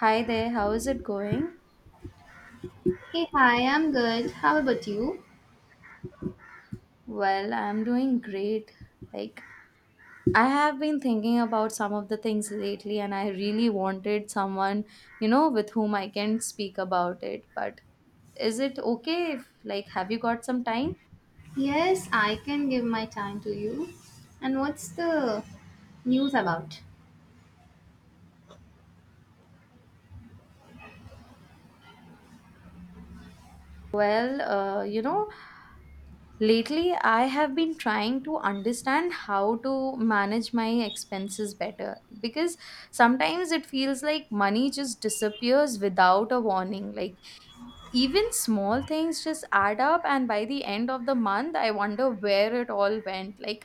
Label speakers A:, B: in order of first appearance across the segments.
A: Hi there, how is it going?
B: Hey, hi, I'm good. How about you?
A: Well, I'm doing great. Like, I have been thinking about some of the things lately, and I really wanted someone, with whom I can speak about it. But is it okay if, like, have you got some time?
B: Yes, I can give my time to you. And what's the news about?
A: Well, lately I have been trying to understand how to manage my expenses better, because sometimes it feels like money just disappears without a warning. Like, even small things just add up, and by the end of the month I wonder where it all went. Like,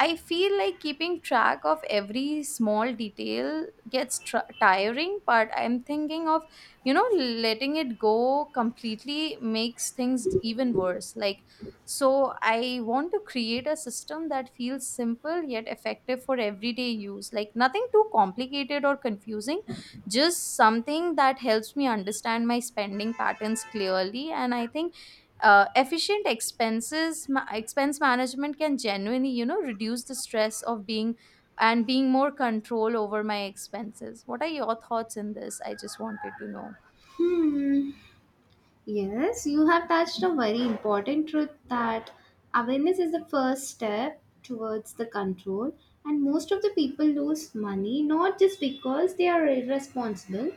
A: I feel like keeping track of every small detail gets tiring, but I'm thinking of, letting it go completely makes things even worse. So I want to create a system that feels simple yet effective for everyday use. Like, nothing too complicated or confusing, just something that helps me understand my spending patterns clearly. And I think efficient expense management can genuinely, reduce the stress of being and being more control over my expenses. What are your thoughts in this? I just wanted to know.
B: Hmm. Yes, you have touched a very important truth that awareness is the first step towards the control, and most of the people lose money not just because they are irresponsible,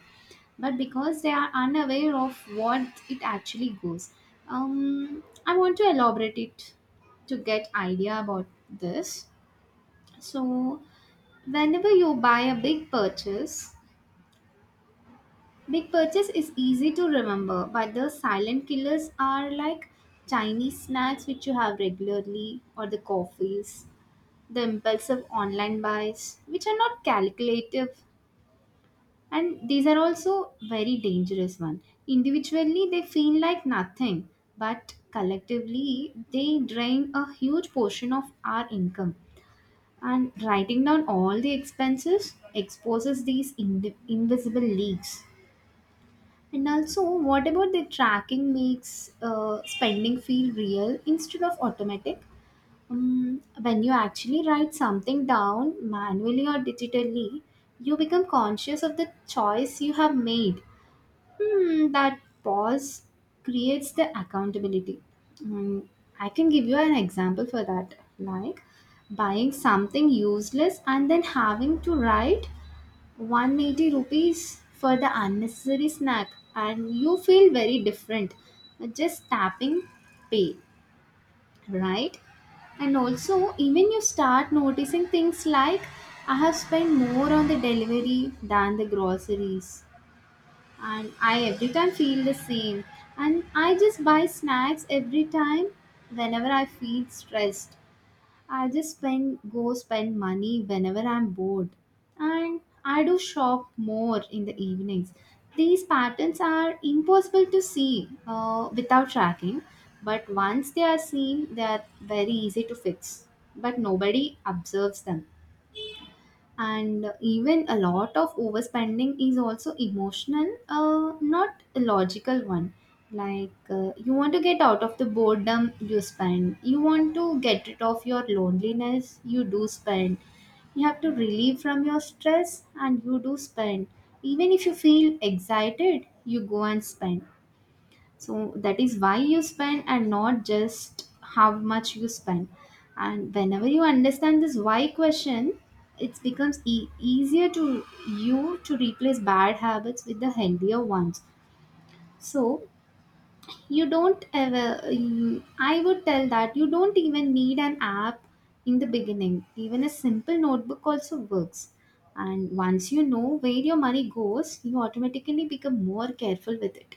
B: but because they are unaware of what it actually goes. I want to elaborate it to get idea about this. So, whenever you buy a big purchase, big purchase is easy to remember, but the silent killers are like Chinese snacks which you have regularly, or the coffees, the impulsive online buys, which are not calculative, and these are also very dangerous one. Individually, they feel like nothing, but collectively, they drain a huge portion of our income. And writing down all the expenses exposes these invisible leaks. And also, what about the tracking makes spending feel real instead of automatic? When you actually write something down manually or digitally, you become conscious of the choice you have made. Hmm, that pause creates the accountability. Um, I can give you an example for that. Like buying something useless and then having to write 180 rupees for the unnecessary snack, and you feel very different just tapping pay, right? And also even you start noticing things like I have spent more on the delivery than the groceries, and I every time feel the same, and I just buy snacks every time whenever I feel stressed. I just spend go spend money whenever I'm bored, and I do shop more in the evenings. These patterns are impossible to see without tracking, but once they are seen, they are very easy to fix. But nobody observes them, and even a lot of overspending is also emotional, not a logical one. Like you want to get out of the boredom, you spend. You want to get rid of your loneliness, you do spend. You have to relieve from your stress, and you do spend. Even if you feel excited, you go and spend. So that is why you spend, and not just how much you spend. And whenever you understand this why question, it becomes easier to you to replace bad habits with the healthier ones. So you don't ever, I would tell that you don't even need an app in the beginning. Even a simple notebook also works. And once you know where your money goes, you automatically become more careful with it.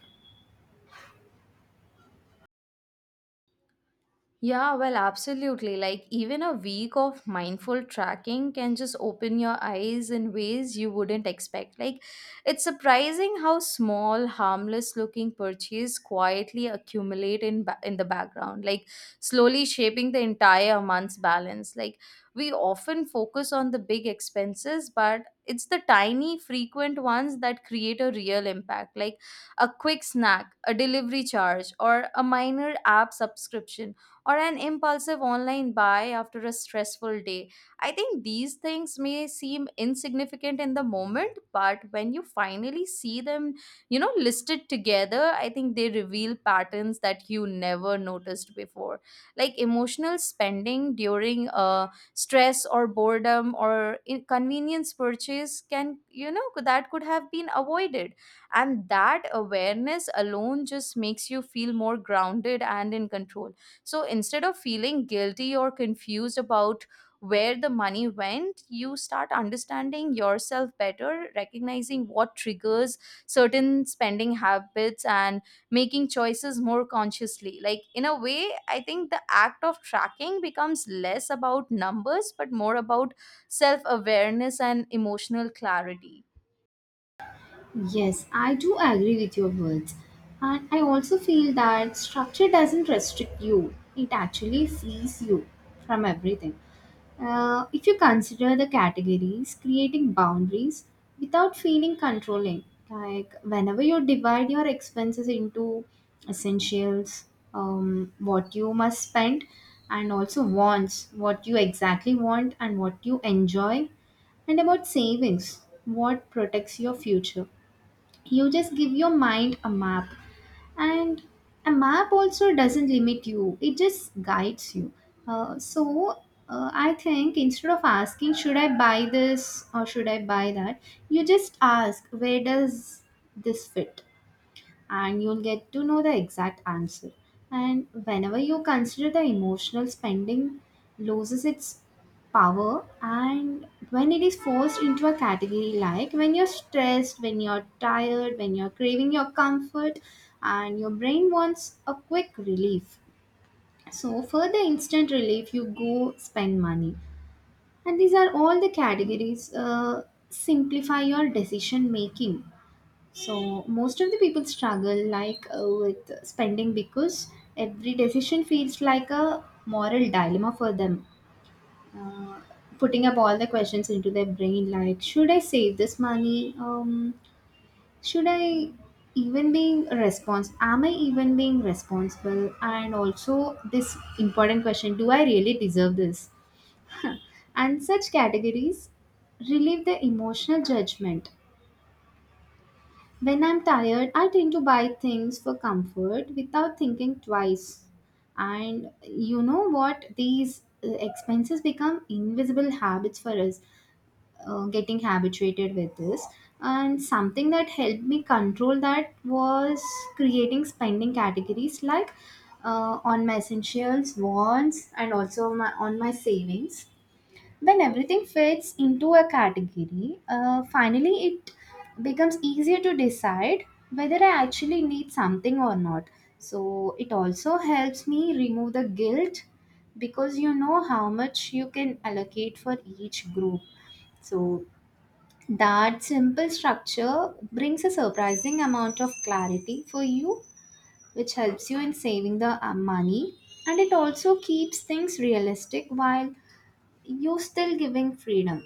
A: Yeah, well, absolutely. Like, even a week of mindful tracking can just open your eyes in ways you wouldn't expect. Like, it's surprising how small, harmless looking purchases quietly accumulate in the background, like, slowly shaping the entire month's balance. Like, we often focus on the big expenses, but it's the tiny, frequent ones that create a real impact, like a quick snack, a delivery charge, or a minor app subscription, or an impulsive online buy after a stressful day. I think these things may seem insignificant in the moment, but when you finally see them, listed together, I think they reveal patterns that you never noticed before. Like emotional spending during stress or boredom, or inconvenience purchase can, that could have been avoided. And that awareness alone just makes you feel more grounded and in control, so instead of feeling guilty or confused about where the money went, you start understanding yourself better, recognizing what triggers certain spending habits, and making choices more consciously. Like, in a way, I think the act of tracking becomes less about numbers but more about self awareness and emotional clarity.
B: Yes, I do agree with your words. And I also feel that structure doesn't restrict you, it actually frees you from everything. If you consider the categories, creating boundaries without feeling controlling, like whenever you divide your expenses into essentials, what you must spend, and also wants, what you exactly want and what you enjoy, and about savings, what protects your future, you just give your mind a map. And a map also doesn't limit you, it just guides you. uh, so I think instead of asking should I buy this or should I buy that, you just ask where does this fit, and you'll get to know the exact answer. And whenever you consider the emotional spending loses its power, and when it is forced into a category, like when you're stressed, when you're tired, when you're craving your comfort and your brain wants a quick relief. So for the instant relief you go spend money. And these are all the categories simplify your decision making. So most of the people struggle like with spending because every decision feels like a moral dilemma for them. Uh, Putting up all the questions into their brain like should I save this money? Should I even being response am I even being responsible, and also this important question, do I really deserve this? And such categories relieve the emotional judgment. When I'm tired, I tend to buy things for comfort without thinking twice. And you know what? These expenses become invisible habits for us, getting habituated with this. And something that helped me control that was creating spending categories like on my essentials, wants, and also on my savings. When everything fits into a category, finally it becomes easier to decide whether I actually need something or not. So it also helps me remove the guilt because you know how much you can allocate for each group. So that simple structure brings a surprising amount of clarity for you, which helps you in saving the money, and it also keeps things realistic while you still giving freedom.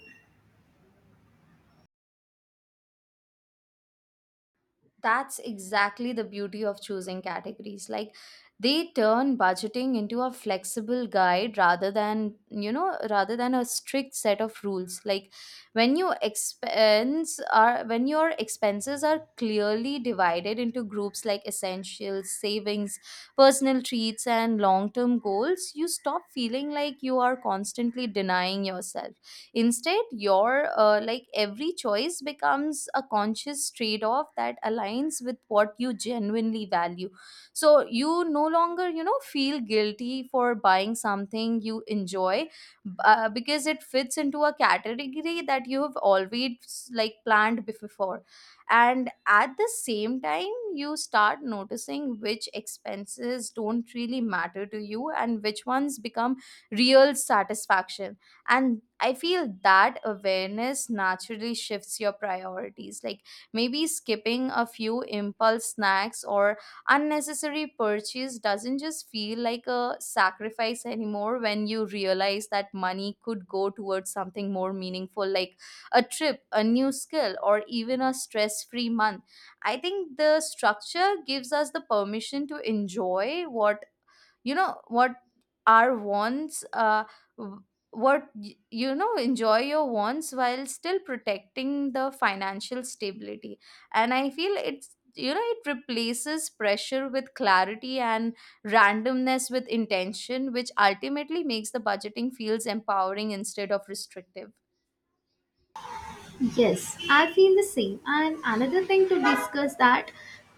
A: That's exactly the beauty of choosing categories. Like, they turn budgeting into a flexible guide rather than you know rather than a strict set of rules. Like, when your expenses are clearly divided into groups like essentials, savings, personal treats, and long term goals, you stop feeling like you are constantly denying yourself. Instead, your like, every choice becomes a conscious trade off that aligns with what you genuinely value. So you no longer, feel guilty for buying something you enjoy, because it fits into a category that you have always like planned before. And at the same time, you start noticing which expenses don't really matter to you and which ones become real satisfaction. And I feel that awareness naturally shifts your priorities, like maybe skipping a few impulse snacks or unnecessary purchase doesn't just feel like a sacrifice anymore when you realize that money could go towards something more meaningful, like a trip, a new skill, or even a stress free month. I think the structure gives us the permission to enjoy what, you know what our wants, w- you know, enjoy your wants while still protecting the financial stability. And I feel it's, it replaces pressure with clarity and randomness with intention, which ultimately makes the budgeting feels empowering instead of restrictive.
B: Yes, I feel the same. And another thing to discuss that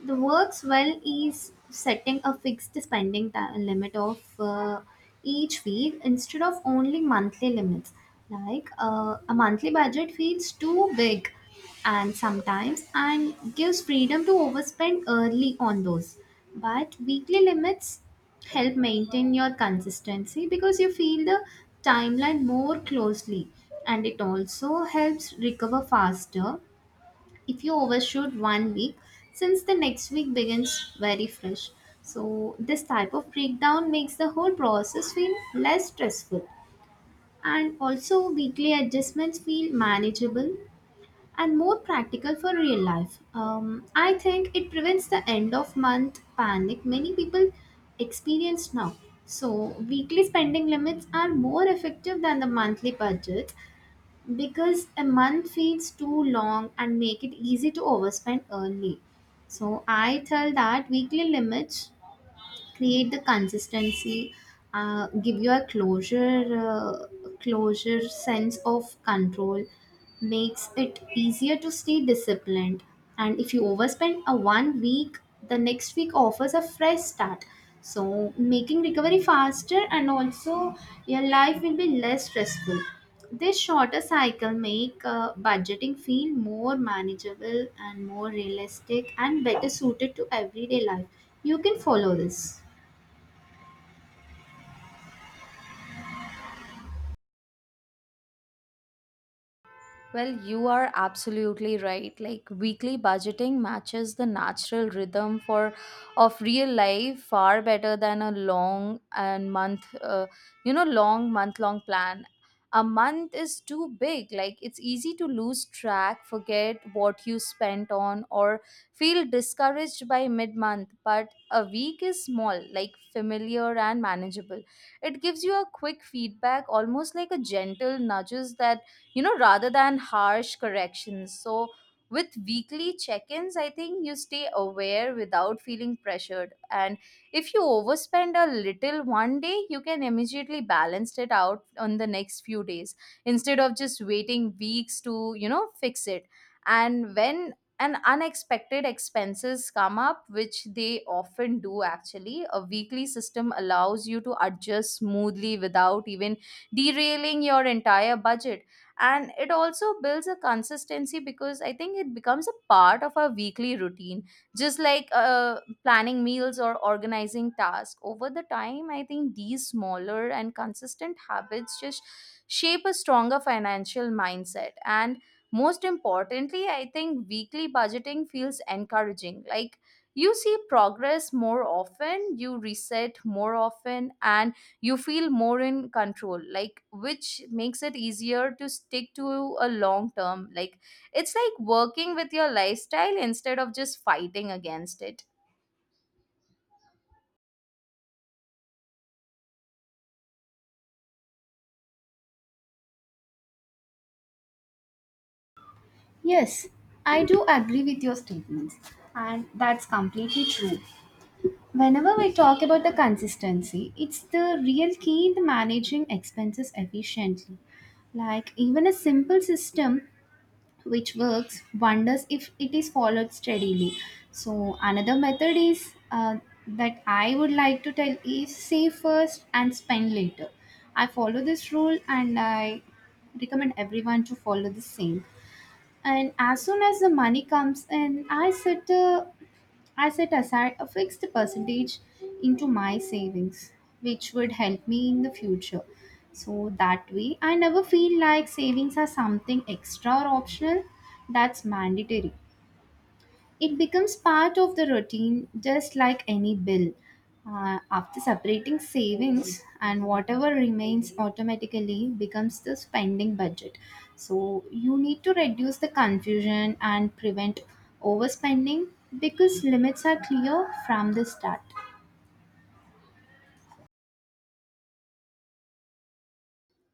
B: the works well is setting a fixed limit of each week instead of only monthly limits. Like a monthly budget feels too big, and sometimes and gives freedom to overspend early on those. But weekly limits help maintain your consistency because you feel the timeline more closely, and it also helps recover faster if you overshoot one week, since the next week begins very fresh. So this type of breakdown makes the whole process feel less stressful, and also weekly adjustments feel manageable and more practical for real life. I think it prevents the end of month panic many people experience now. So, weekly spending limits are more effective than the monthly budgets because a month feels too long and make it easy to overspend early. So, I tell that weekly limits create the consistency, give you a closure sense of control, makes it easier to stay disciplined. And if you overspend a one week, the next week offers a fresh start, so making recovery faster, and also your life will be less stressful. This shorter cycle make budgeting feel more manageable and more realistic and better suited to everyday life. You can follow this.
A: Well, you are absolutely right. Like, weekly budgeting matches the natural rhythm for of real life far better than a long and month, you know, long month long plan. A month is too big. Like, it's easy to lose track, forget what you spent on, or feel discouraged by mid month. But a week is small, like familiar and manageable. It gives you a quick feedback, almost like a gentle nudges, rather than harsh corrections. So, with weekly check ins, I think you stay aware without feeling pressured. And if you overspend a little one day, you can immediately balance it out on the next few days instead of just waiting weeks to, fix it. And when an unexpected expenses come up, which they often do actually. A weekly system allows you to adjust smoothly without even derailing your entire budget, and it also builds a consistency, because I think it becomes a part of our weekly routine, just like planning meals or organizing tasks. Over the time, I think these smaller and consistent habits just shape a stronger financial mindset. And most importantly, I think weekly budgeting feels encouraging. Like, you see progress more often, you reset more often, and you feel more in control, like, which makes it easier to stick to a long term. Like, it's like working with your lifestyle instead of just fighting against it.
B: Yes, I do agree with your statements, and that's completely true. Whenever we talk about the consistency, it's the real key in the managing expenses efficiently. Like even a simple system which works wonders if it is followed steadily. So another method is that I would like to tell is save first and spend later. I follow this rule and I recommend everyone to follow the same. And as soon as the money comes in, I set aside a fixed percentage into my savings, which would help me in the future. So that way I never feel like savings are something extra or optional. That's mandatory. It becomes part of the routine just like any bill. After separating savings, and whatever remains automatically becomes the spending budget. So you need to reduce the confusion and prevent overspending because limits are clear from the start.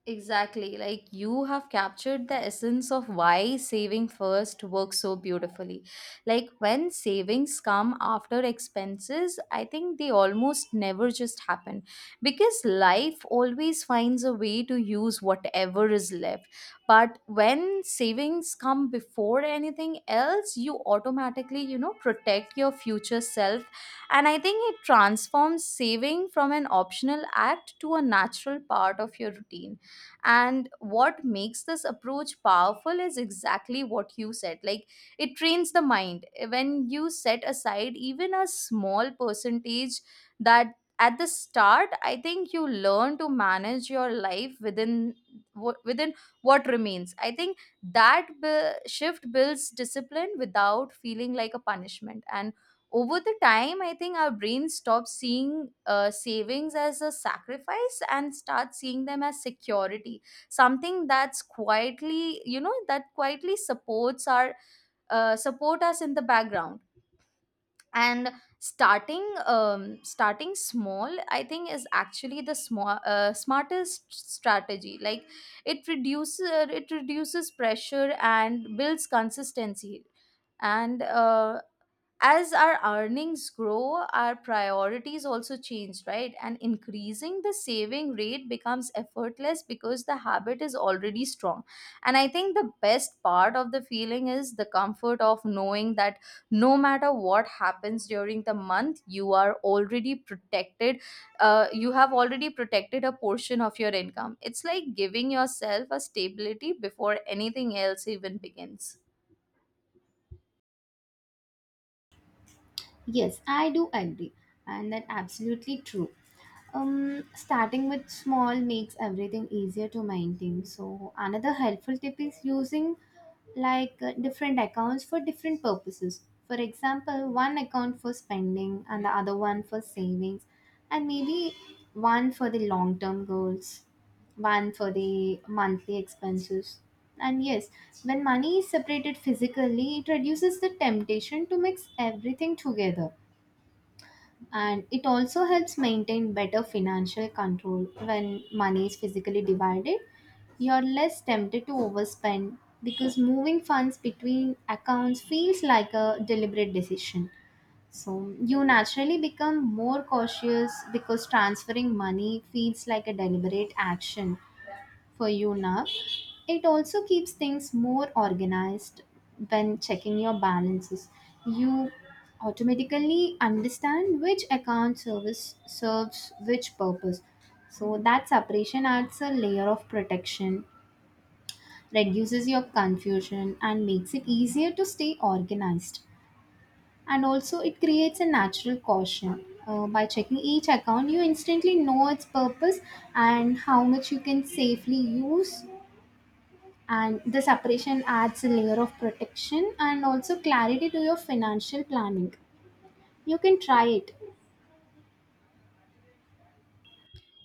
A: Exactly. Like, you have captured the essence of why saving first works so beautifully. Like, when savings come after expenses, I think they almost never just happen, because life always finds a way to use whatever is left. But when savings come before anything else, you automatically, protect your future self. And I think it transforms saving from an optional act to a natural part of your routine. And what makes this approach powerful is exactly what you said. Like, it trains the mind. When you set aside even a small percentage that at the start, I think you learn to manage your life within within what remains. I think that shift builds discipline without feeling like a punishment. And over the time, I think our brain stops seeing savings as a sacrifice and starts seeing them as security, something that's quietly, you know that quietly supports our support us in the background. And starting um, starting small, I think is actually the small smartest strategy. Like, it reduces it reduces pressure and builds consistency. And as our earnings grow, our priorities also change, right? And increasing the saving rate becomes effortless because the habit is already strong. And I think the best part of the feeling is the comfort of knowing that no matter what happens during the month, you are already protected. You have already protected a portion of your income. It's like giving yourself a stability before anything else even begins.
B: Yes, I do agree, and that's absolutely true. Starting with small makes everything easier to maintain. So, another helpful tip is using like different accounts for different purposes. For example, one account for spending and the other one for savings, and maybe one for the long term goals, one for the monthly expenses. And yes, when money is separated physically, it reduces the temptation to mix everything together. And it also helps maintain better financial control. When money is physically divided, you're less tempted to overspend because moving funds between accounts feels like a deliberate decision. So you naturally become more cautious because transferring money feels like a deliberate action for you now. It also keeps things more organized when checking your balances. You automatically understand which account service serves which purpose. So that separation adds a layer of protection, reduces your confusion, and makes it easier to stay organized. And also, it creates a natural caution. By checking each account, you instantly know its purpose and how much you can safely use, and the separation adds a layer of protection and also clarity to your financial planning. You can try it.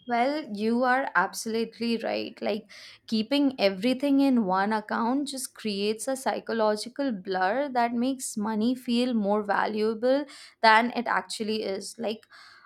A: Well, you are absolutely right. Like, keeping everything in one account just creates a psychological blur that makes money feel more valuable than it actually is. Like,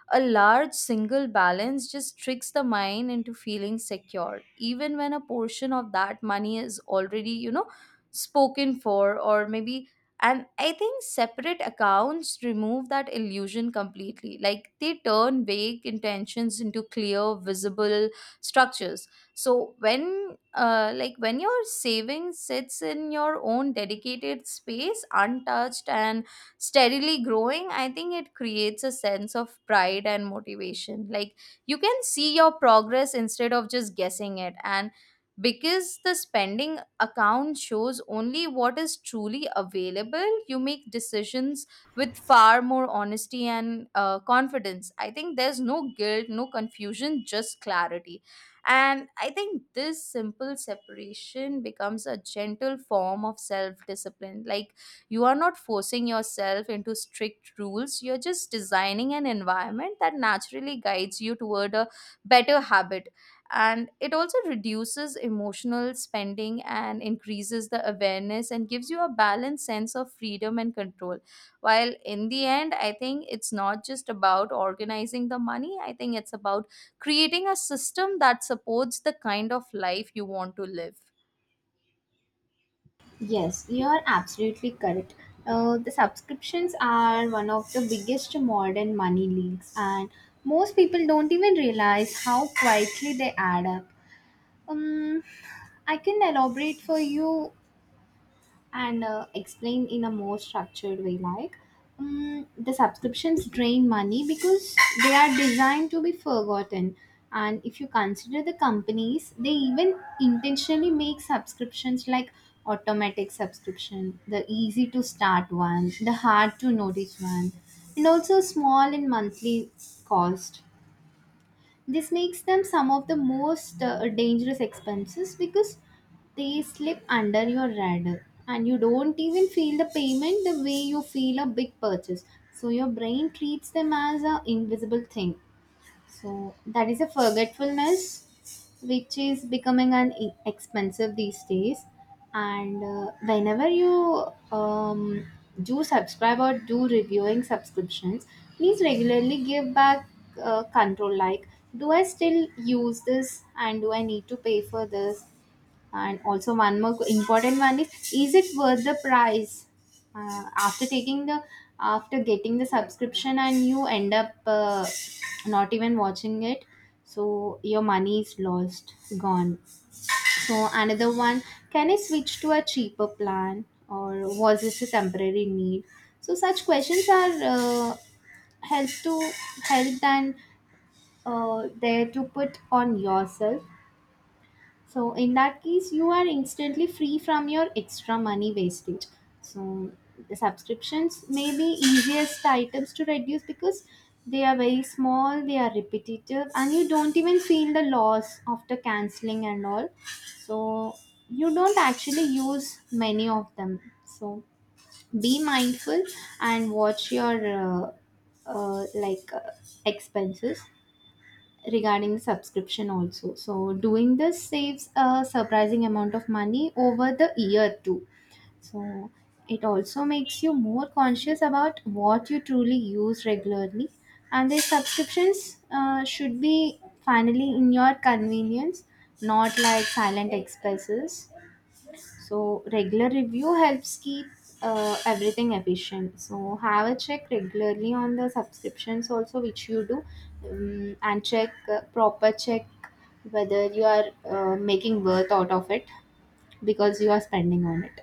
A: a large single balance just tricks the mind into feeling secure, even when a portion of that money is already, spoken for, or maybe. And I think separate accounts remove that illusion completely. Like, they turn vague intentions into clear visible structures. So when like, when your savings sits in your own dedicated space, untouched and steadily growing, I think it creates a sense of pride and motivation. Like, you can see your progress instead of just guessing it. And because the spending account shows only what is truly available, you make decisions with far more honesty and confidence. I think there's no guilt, no confusion, just clarity. And I think this simple separation becomes a gentle form of self discipline. Like, you are not forcing yourself into strict rules, you're just designing an environment that naturally guides you toward a better habit. And it also reduces emotional spending and increases the awareness, and gives you a balanced sense of freedom and control. While in the end, I think it's not just about organizing the money, I think it's about creating a system that supports the kind of life you want to live.
B: Yes, you are absolutely correct. The subscriptions are one of the biggest modern money leaks, and most people don't even realize how quietly they add up. um, I can elaborate for you and explain in a more structured way. Like the subscriptions drain money because they are designed to be forgotten. And if you consider the companies, they even intentionally make subscriptions like automatic subscription, the easy to start one, the hard to notice one, and also small in monthly cost. This makes them some of the most dangerous expenses because they slip under your radar and you don't even feel the payment the way you feel a big purchase. So your brain treats them as an invisible thing. So that is a forgetfulness which is becoming an expensive these days. And whenever you um, do subscribe or do reviewing subscriptions, please regularly give back control. Like, do I still use this, and do I need to pay for this? And also, one more important one is: is it worth the price? After after getting the subscription, and you end up not even watching it, so your money is lost, gone. So another one: can I switch to a cheaper plan, or was this a temporary need? So such questions are help to help and there to put on yourself, so in that case, you are instantly free from your extra money wastage. So the subscriptions may be easiest items to reduce because they are very small, they are repetitive, and you don't even feel the loss after canceling and all. So you don't actually use many of them. So be mindful and watch your uh, like uh, expenses regarding subscription also, so doing this saves a surprising amount of money over the year too. So it also makes you more conscious about what you truly use regularly, and the subscriptions should be finally in your convenience, not like silent expenses. So regular review helps keep everything efficient. So have a check regularly on the subscriptions also which you do, and check, proper check whether you are making worth out of it because you are spending on it.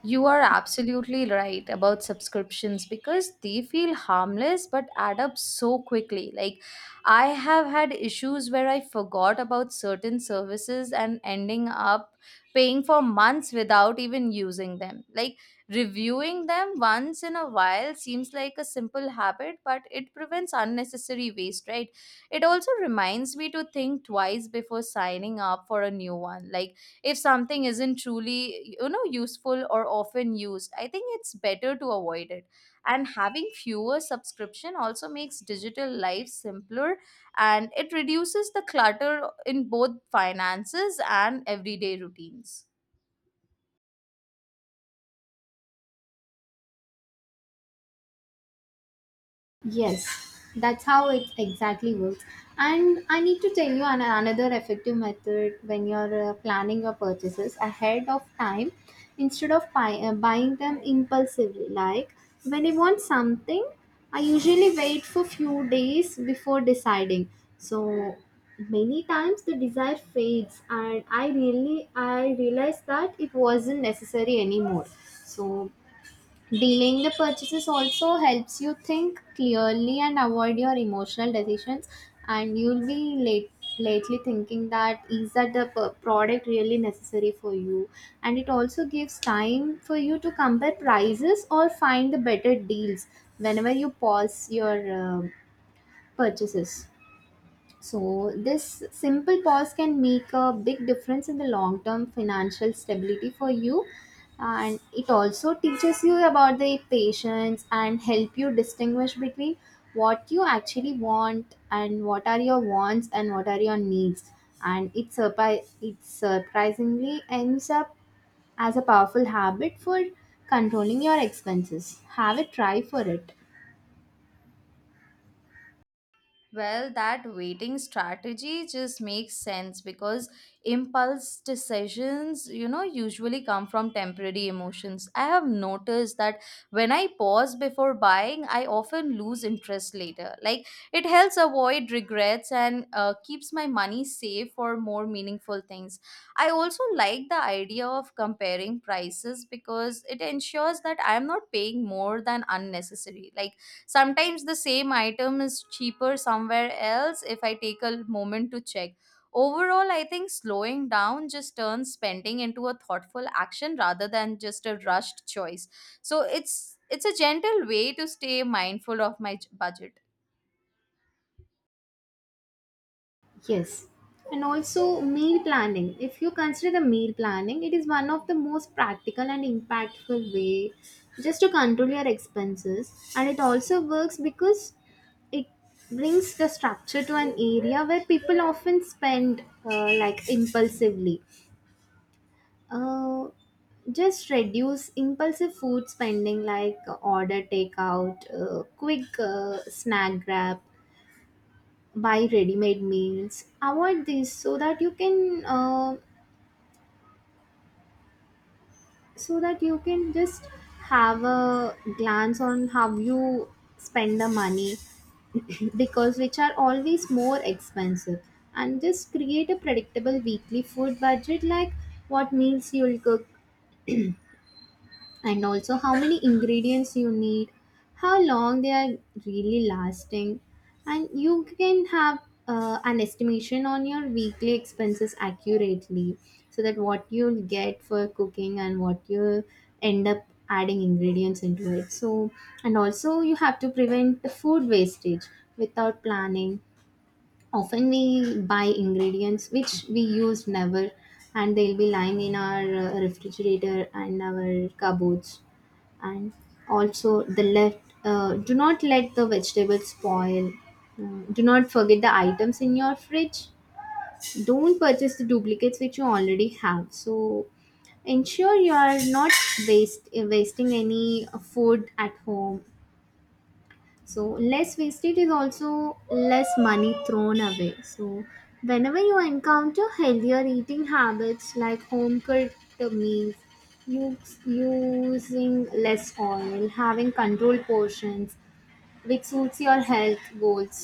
A: You are absolutely right about subscriptions, because they feel harmless but add up so quickly. Like, I have had issues where I forgot about certain services and ending up paying for months without even using them. Like, reviewing them once in a while seems like a simple habit, but it prevents unnecessary waste, right? It also reminds me to think twice before signing up for a new one. Like, if something isn't truly, useful or often used, I think it's better to avoid it. And having fewer subscription also makes digital life simpler, and it reduces the clutter in both finances and everyday routines.
B: Yes, that's how it exactly works. And I need to tell you another effective method when you're planning your purchases ahead of time instead of buying them impulsively. Like, when I want something, I usually wait for few days before deciding. So many times the desire fades and I realize that it wasn't necessary anymore. So delaying the purchases also helps you think clearly and avoid your emotional decisions, and you'll be lately thinking that is that the product really necessary for you, and it also gives time for you to compare prices or find the better deals whenever you pause your purchases. So, this simple pause can make a big difference in the long term financial stability for you. And it also teaches you about the patience and help you distinguish between what are your wants and what are your needs. And it surprisingly ends up as a powerful habit for controlling your expenses. Have a try for it.
A: Well, that waiting strategy just makes sense, because impulse decisions, usually come from temporary emotions. I have noticed that when I pause before buying, I often lose interest later. Like, it helps avoid regrets and keeps my money safe for more meaningful things. I also like the idea of comparing prices, because it ensures that I am not paying more than unnecessary. Like, sometimes the same item is cheaper somewhere else if I take a moment to check. Overall, I think slowing down just turns spending into a thoughtful action rather than just a rushed choice. So it's a gentle way to stay mindful of my budget.
B: Yes. And also meal planning. If you consider the meal planning, it is one of the most practical and impactful way just to control your expenses. And it also works because it brings the structure to an area where people often spend like impulsively. Uh, just reduce impulsive food spending, like order takeout, quick snack grab, buy ready-made meals, avoid this so that you can just have a glance on how you spend the money because which are always more expensive. And just create a predictable weekly food budget, like what meals you'll cook and also how many ingredients you need, how long they are really lasting. And you can have an estimation on your weekly expenses accurately, so that what you'll get for cooking and what you'll end up adding ingredients into it. So, and also you have to prevent the food wastage. Without planning, often we buy ingredients which we use never, and they'll be lying in our refrigerator and our cupboards. And also the left, do not let the vegetables spoil. Mm, do not forget the items in your fridge, don't purchase the duplicates which you already have. So ensure you are not wasting any food at home, so less wastage is also less money thrown away. So whenever you encounter healthier eating habits like home cooked meals, using less oil, having controlled portions, which suits your health goals.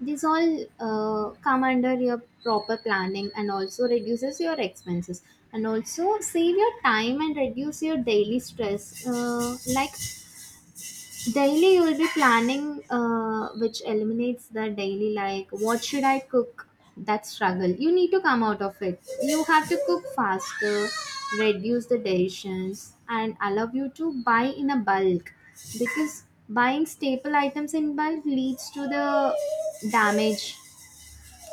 B: These all come under your proper planning and also reduces your expenses and also save your time and reduce your daily stress. Like, daily you will be planning, which eliminates the daily, like, what should I cook? That struggle. You need to come out of it. You have to cook faster, reduce the decisions, and allow you to buy in a bulk because buying staple items in bulk leads to the damage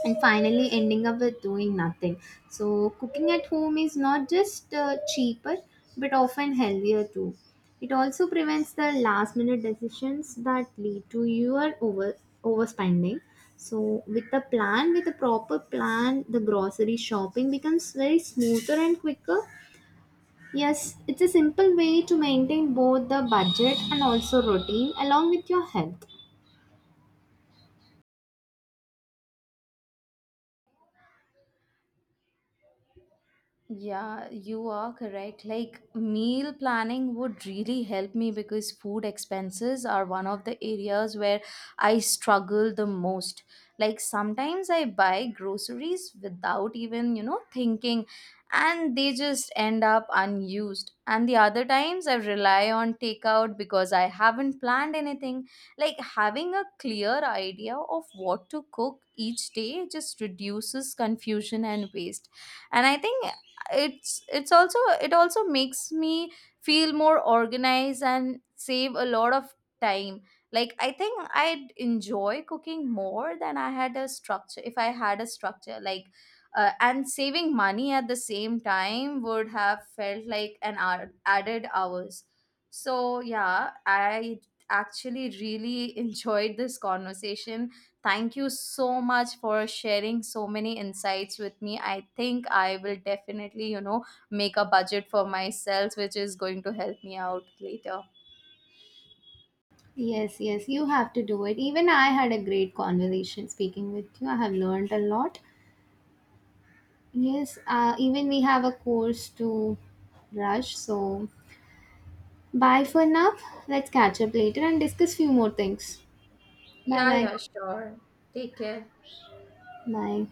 B: and finally ending up with doing nothing. So, cooking at home is not just cheaper but often healthier too. It also prevents the last minute decisions that lead to your overspending. So, with a plan, with a proper plan, the grocery shopping becomes very smoother and quicker. Yes, it's a simple way to maintain both the budget and also routine along with your health.
A: Yeah, you are correct. Like, meal planning would really help me because food expenses are one of the areas where I struggle the most. Like, sometimes I buy groceries without even, thinking, and they just end up unused. And the other times I rely on takeout because I haven't planned anything. Like, having a clear idea of what to cook each day just reduces confusion and waste. And I think it also makes me feel more organized and save a lot of time. Like, I think I'd enjoy cooking more than I had a structure if I had a structure. Like, and saving money at the same time would have felt like an added hours. So yeah, I actually really enjoyed this conversation. Thank you so much for sharing so many insights with me. I think I will definitely, make a budget for myself, which is going to help me out later.
B: Yes, yes, you have to do it. Even I had a great conversation speaking with you. I have learned a lot. Yes, even we have a course to rush. So, bye for now. Let's catch up later and discuss few more things. Bye
A: Yeah,
B: bye.
A: yeah, sure. Take care.
B: Bye.